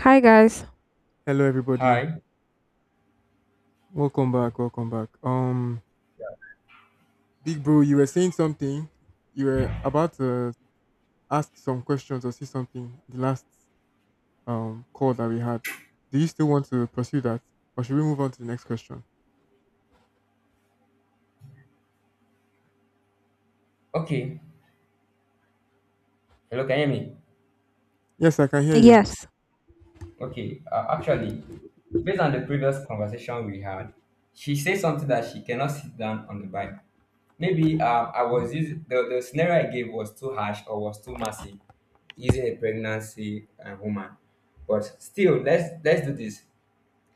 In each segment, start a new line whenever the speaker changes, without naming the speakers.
Hi guys.
Hello, everybody.
Hi.
Welcome back. Welcome back. Big Bro, you were saying something. You were about to ask some questions or see something. In The last call that we had. Do you still want to pursue that, or should we move on to the next question?
Okay. Hello, can you hear me?
Yes, I can hear you.
Yes.
Okay. Actually, based on the previous conversation we had, she said something that she cannot sit down on the bike. Maybe I
Mhm.
was using the scenario. I gave was too harsh or was too massive using a pregnancy woman. But still, let's do this.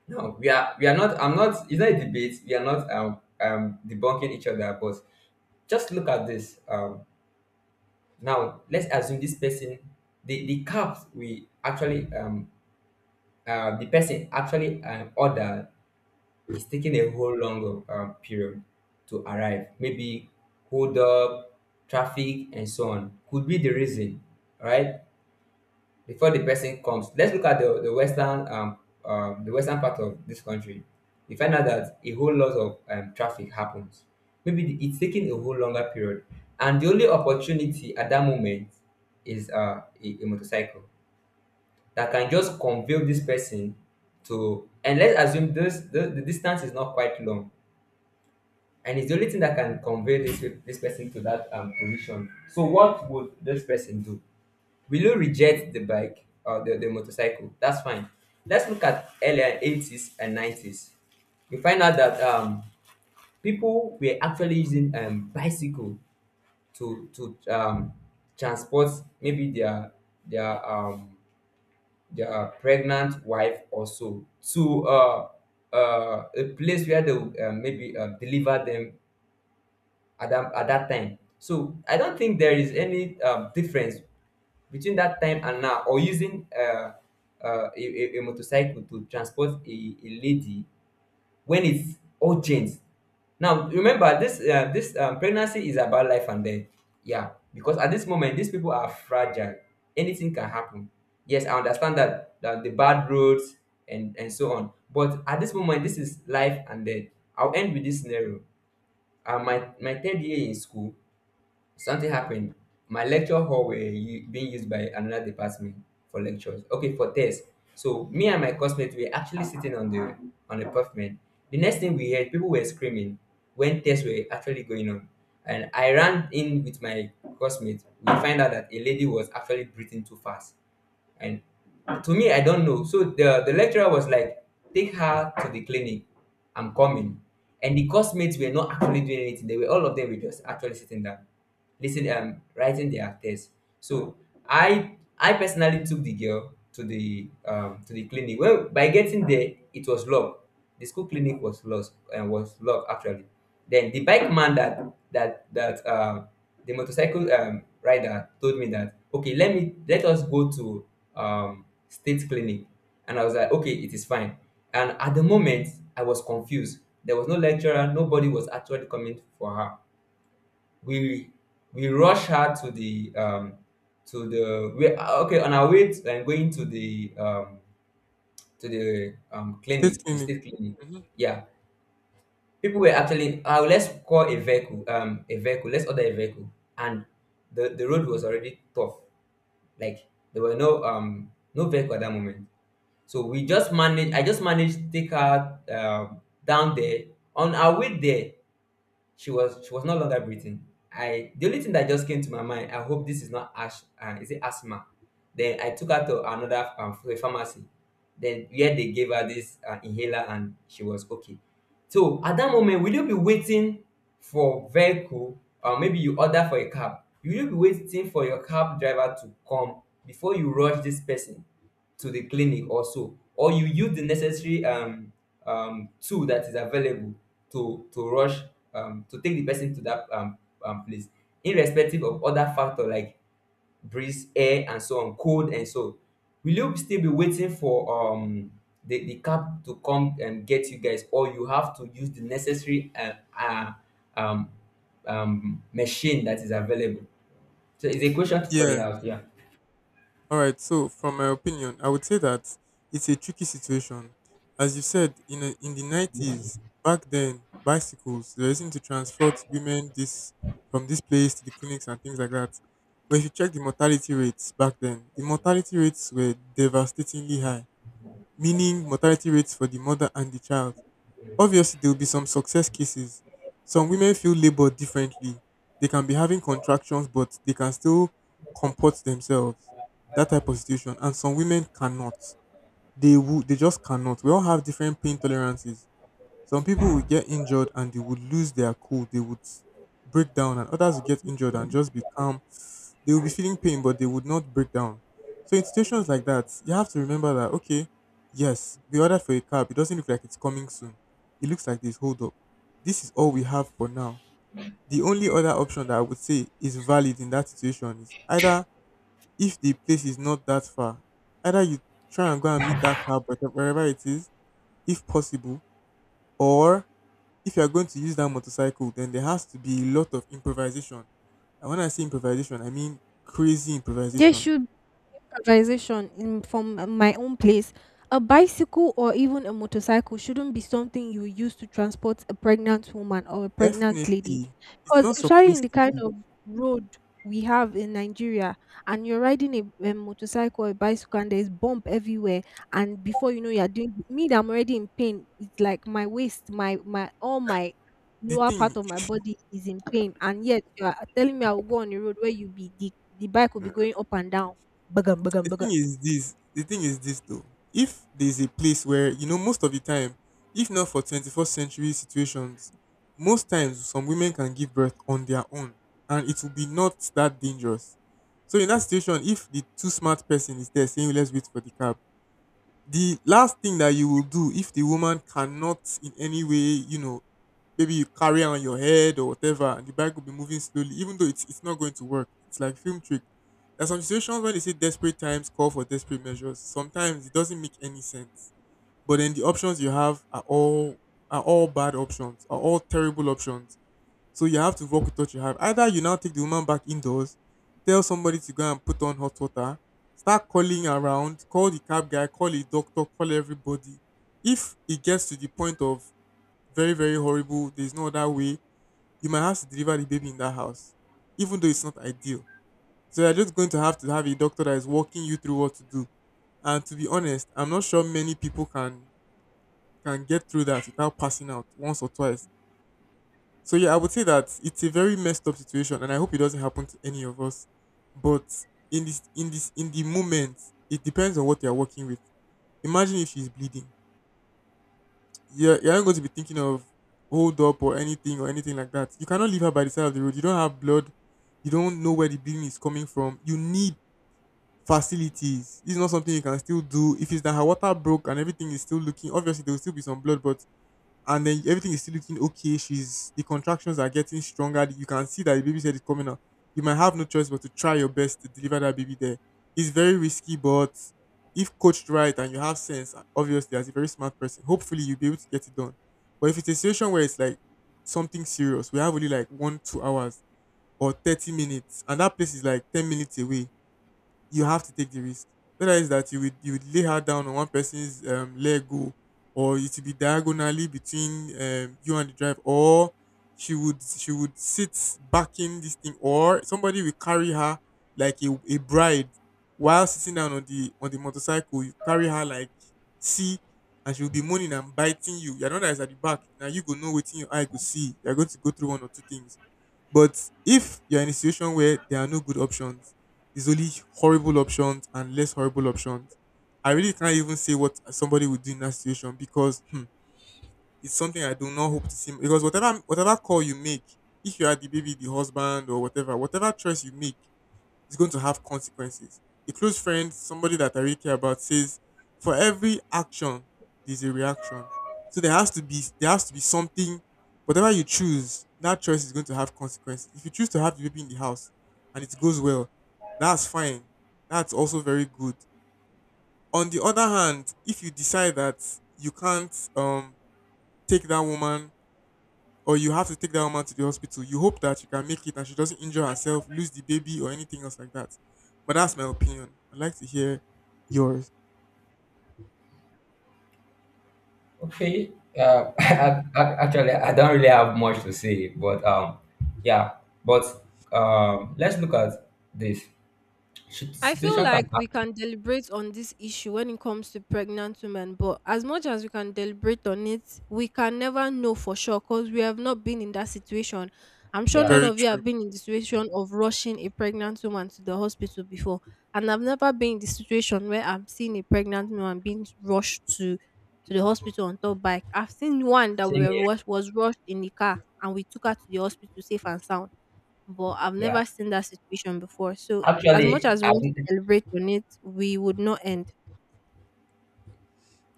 No, we are not. I'm not. It's not a debate. We are not debunking each other. But just look at this. Now, let's assume this person, the cup we actually, the person actually ordered is taking a whole long period to arrive. Maybe hold up, traffic, and so on. Could be the reason, right? Before the person comes, let's look at the western the western part of this country. You find out that a whole lot of traffic happens. Maybe it's taking a whole longer period, and the only opportunity at that moment is a motorcycle that can just convey this person to. And let's assume the distance is not quite long, and it's the only thing that can convey this person to that position. So what would this person do? Will you reject the bike or the motorcycle? That's fine. Let's look at earlier 80s and 90s. We find out that people were actually using bicycle to transport maybe their their pregnant wife or so to a place where they would, maybe deliver them at at that time. So I don't think there is any difference between that time and now, or using a motorcycle to transport a lady when it's urgent. Now remember, this pregnancy is about life and death. Yeah, because at this moment, these people are fragile. Anything can happen. Yes, I understand that the bad roads and so on. But at this moment, this is life and death. I'll end with this scenario. My third year in school, something happened. My lecture hall were being used by another department for lectures. Okay, for tests. So me and my classmates were actually sitting on the pavement. The next thing we heard, people were screaming when tests were actually going on. And I ran in with my classmate. We find out that a lady was actually breathing too fast, and to me, I don't know. So the lecturer was like, take her to the clinic, I'm coming. And the course mates were not actually doing anything. They were, all of them were just actually sitting down, listen writing their tests. So I personally took the girl to the clinic. Well, by getting there, it was locked. The school clinic was lost and was locked actually. Then the bike man, that that that the motorcycle rider told me that, okay, let us go to state clinic. And I was like, okay, it is fine. And at the moment, I was confused. There was no lecturer. Nobody was actually coming for her. We we rushed her to the we okay, on our way to, and going to the clinic,
State
the
clinic.
state clinic.
Mhm.
Yeah, people were actually let's call a vehicle, let's order a vehicle. And the road was already tough. Like there were no no vehicle at that moment. So we just managed I just managed to take her down there. On our way there, she was no longer breathing. I, the only thing that just came to my mind, I hope this is not ash is it asthma? Then I took her to another pharmacy. Then yeah, they gave her this inhaler, and she was okay. So at that moment, will you be waiting for vehicle, or maybe you order for a cab? Will you be waiting for your cab driver to come before you rush this person to the clinic or so? Or you use the necessary tool that is available to rush to take the person to that place, irrespective of other factor like breeze, air, and so on, cold and so. Will you still be waiting for the cab to come and get you guys, or you have to use the necessary uh, um, machine that is available? So it's a question for the
Yeah.
house. Yeah.
All right. So, from my opinion, I would say that it's a tricky situation. As you said, in the 90s, back then, bicycles they used to transport women this from this place to the clinics and things like that. But if you check the mortality rates back then, the mortality rates were devastatingly high, meaning mortality rates for the mother and the child. Obviously, there will be some success cases. Some women feel labor differently. They can be having contractions, but they can still comport themselves. That type of situation. And some women cannot. They just cannot. We all have different pain tolerances. Some people would get injured and they would lose their cool. They would break down, and others would get injured and just be calm. They would be feeling pain, but they would not break down. So in situations like that, you have to remember that okay, yes, we ordered for a cab. It doesn't look like it's coming soon. It looks like this. Hold up, this is all we have for now. The only other option that I would say is valid in that situation is either if the place is not that far, either you try and go and meet that cab wherever it is, if possible, or if you are going to use that motorcycle, then there has to be a lot of improvisation. And when I say improvisation, I mean crazy
There
improvisation.
should improvisation in from my own place. A bicycle or even a motorcycle shouldn't be something you use to transport a pregnant woman or a pregnant lady.
Definitely, it's
Because
not
especially in
supposed
the
to
kind
be.
of road we have in Nigeria, and you're riding a motorcycle or a bicycle and there's bump everywhere, and before you know you're doing me that I'm already in pain, it's like my waist, my all my
The
lower part
thing,
of my body is in pain, and yet you are telling me I will go on the road where you be the bike will be going up and down. Bagam, bagam,
the thing
bagam.
is this. The thing is this though. If there's a place where you know most of the time, if not for 21st century situations, most times some women can give birth on their own, and it will be not that dangerous. So in that situation, if the too smart person is there saying let's wait for the cab, the last thing that you will do if the woman cannot in any way, you know, maybe you carry her on your head or whatever, and the bike will be moving slowly, even though it's not going to work. It's like film trick. There's some situations when they say desperate times call for desperate measures. Sometimes it doesn't make any sense. But then the options you have are all bad options, are all terrible options, so you have to work with what you have. Either you now take the woman back indoors, tell somebody to go and put on hot water, start calling around, call the cab guy, call a doctor, call everybody. If it gets to the point of very, very horrible, there's no other way, you might have to deliver the baby in that house, even though it's not ideal. So you're just going to have a doctor that is walking you through what to do. And to be honest, I'm not sure many people can get through that without passing out once or twice. So yeah, I would say that it's a very messed up situation, and I hope it doesn't happen to any of us. But in the moment, it depends on what you're working with. Imagine if she's bleeding. You're not going to be thinking of hold up or anything like that. You cannot leave her by the side of the road. You don't have blood. You don't know where the bleeding is coming from. You need facilities. This is not something you can still do. If it's that her water broke and everything is still looking, obviously there will still be some blood, but and then everything is still looking okay. She's the contractions are getting stronger. You can see that the baby's head is coming out. You might have no choice but to try your best to deliver that baby there. It's very risky, but if coached right and you have sense, obviously as a very smart person, hopefully you'll be able to get it done. But if it's a situation where it's like something serious, we have only like one, 2 hours or 30 minutes, and that place is like 10 minutes away, you have to take the risk. Whether it's that you would lay her down on one person's leg go, or it would be diagonally between you and the drive, or she would sit backing this thing, or somebody will carry her like a bride while sitting down on the motorcycle. You carry her like see, and she will be moaning and biting you. You're not that is at the back. Now you go know waiting your eye go see. You're going to go through one or two things, but if you're in a situation where there are no good options, there's only horrible options and less horrible options, I really can't even say what somebody would do in that situation because hmm, it's something I do not hope to see. Because whatever call you make, if you are the baby, the husband, or whatever, whatever choice you make, is going to have consequences. A close friend, somebody that I really care about, says for every action there's a reaction. So there has to be something. Whatever you choose, that choice is going to have consequences. If you choose to have the baby in the house and it goes well, that's fine. That's also very good. On the other hand, if you decide that you can't take that woman or you have to take that woman to the hospital. You hope that you can make it and she doesn't injure herself, lose the baby, or anything else like that. But that's my opinion. I'd like to hear yours.
Okay. I don't really have much to say, but yeah. But let's look at this
I feel
situation. Can
like we
happen.
can deliberate on this issue when it comes to pregnant women, but as much as we can deliberate on it, we can never know for sure because we have not been in that situation. I'm sure none
Yeah.
Very
of you
true.
have been in the situation of rushing a pregnant woman to the hospital before. And I've never been in the situation where I'm seeing a pregnant woman being rushed to the hospital on top bike. I've seen one that we
Same
were
here.
rushed, was rushed in the car and we took her to the hospital safe and sound, but I've
Yeah.
never seen that situation before. So as much
Actually,
as
I,
we want to
haven't-
celebrate on it, we would not end.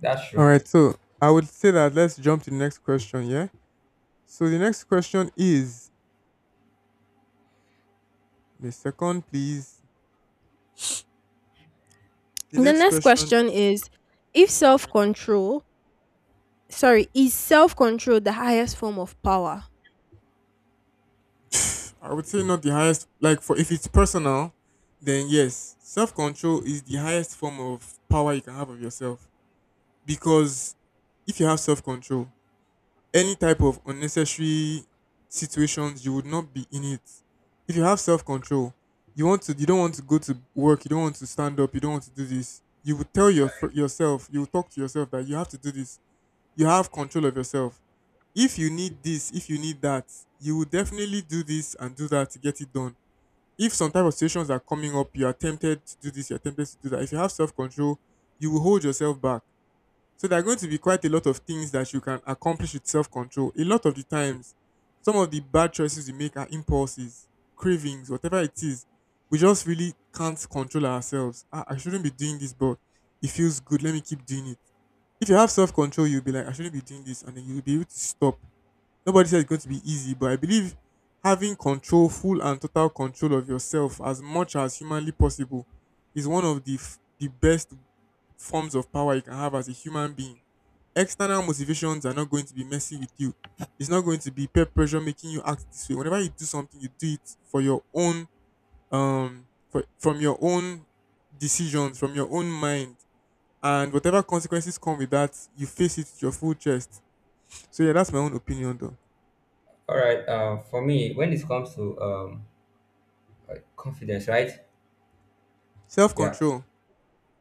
That's
All
true.
right, so I would say that let's jump to the next question, yeah? So the next question is the second, please. The
The
next
next
question.
question is if
Thank you very
self control, sorry, is self control the highest form of power?
much. I would say not the highest. Like for if it's personal, then yes, self control is the highest form of power you can have of yourself. Because if you have self control, any type of unnecessary situations you would not be in it if you have self-control, you want to you don't want to go to work, you don't want to stand up, you don't want to do this, you would tell yourself, you would talk to yourself that you have to do this, you have control of yourself. If you need this, if you need that, you will definitely do this and do that to get it done. If some type of situations are coming up, you are tempted to do this, you're tempted to do that. If you have self-control, you will hold yourself back, so there are going to be quite a lot of things that you can accomplish with self control. A lot of the times, some of the bad choices we make are impulses, cravings, whatever it is. We just really can't control ourselves. I shouldn't be doing this, but it feels good. Let me keep doing it. If you have self control, you'll be like, I shouldn't be doing this, and then you'll be able to stop. Nobody says it's going to be easy, but I believe having control, full and total control of yourself as much as humanly possible is one of the best forms of power you can have as a human being. External motivations are not going to be messing with you. It's not going to be peer pressure making you act this way. Whenever you do something, you do it for your own from your own decisions, from your own mind. And whatever consequences come with that, you face it with your full chest. So yeah, that's my own opinion though.
All right. For me, when it comes to confidence, right?
Self
Yeah.
control.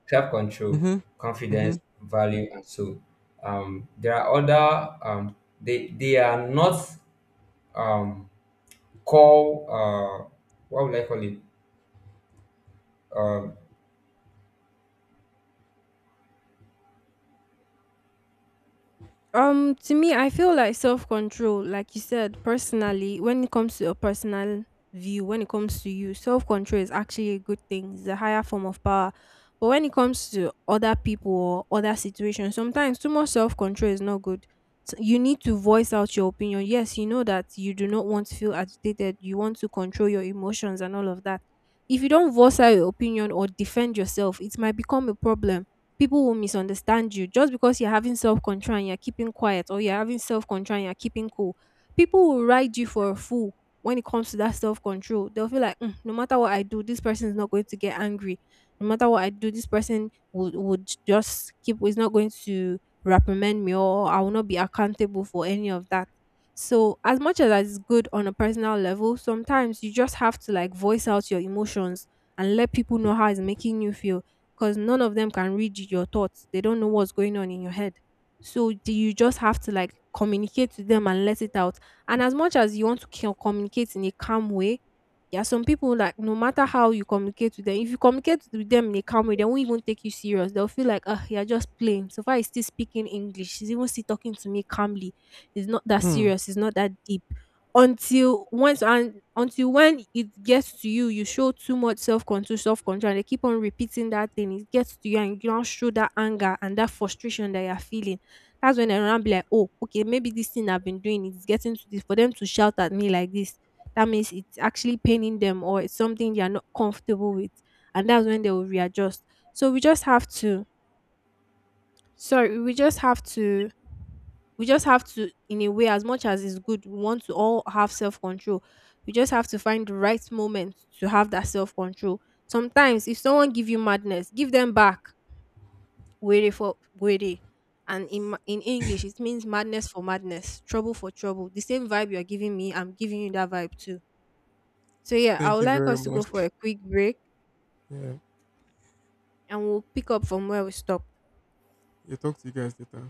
Self control,
Mm-hmm. Mm-hmm.
confidence, value, and so there are other they are not um call what would I call it? Um,
To me, I feel like self control, like you said, personally, when it comes to a personal view, when it comes to you, self control is actually a good thing. It's a higher form of power. But when it comes to other people or other situations, sometimes too much self control is not good. So you need to voice out your opinion. Yes, you know that you do not want to feel agitated. You want to control your emotions and all of that. If you don't voice out your opinion or defend yourself, it might become a problem. People will misunderstand you just because you're having self control and you're keeping quiet, or you're having self control and you're keeping cool. People will ride you for a fool when it comes to that self control. They'll feel like, "Mm, no matter what I do, this person is not going to get angry. No matter what I do, this person would just keep is not going to reprimand me, or I will not be accountable for any of that." So, as much as that is good on a personal level, sometimes you just have to like voice out your emotions and let people know how it's making you feel, because none of them can read your thoughts. They don't know what's going on in your head. So do you just have to like communicate to them and let it out. And as much as you want to communicate in a calm way, there are some people like no matter how you communicate with them, if you communicate with them in a calm way, they won't even take you serious. They'll feel like, oh, you're just playing. So far, he's still speaking English. He's even still talking to me calmly. It's not that
Hmm.
serious. It's not that deep until once and until when it gets to you, you show too much self control, and they keep on repeating that thing. It gets to you, and you don't show that anger and that frustration that you're feeling. That's when everyone be like, "Oh, okay, maybe this thing I've been doing is getting to this." For them to shout at me like this, that means it's actually paining them, or it's something they are not comfortable with, and that's when they will readjust. So we just have to in a way, as much as it's good, we want to all have self-control. We just have to find the right moment to have that self-control. Sometimes if someone give you madness, give them back. Wait, and in in english it means madness for madness, trouble for trouble, the same vibe you're giving me, I'm giving you that vibe too. So yeah, I
Thank
would
you
like
very
us to go
much.
for a quick break
Yeah.
and we'll pick up from where we stopped.
Yeah, talk to you guys later.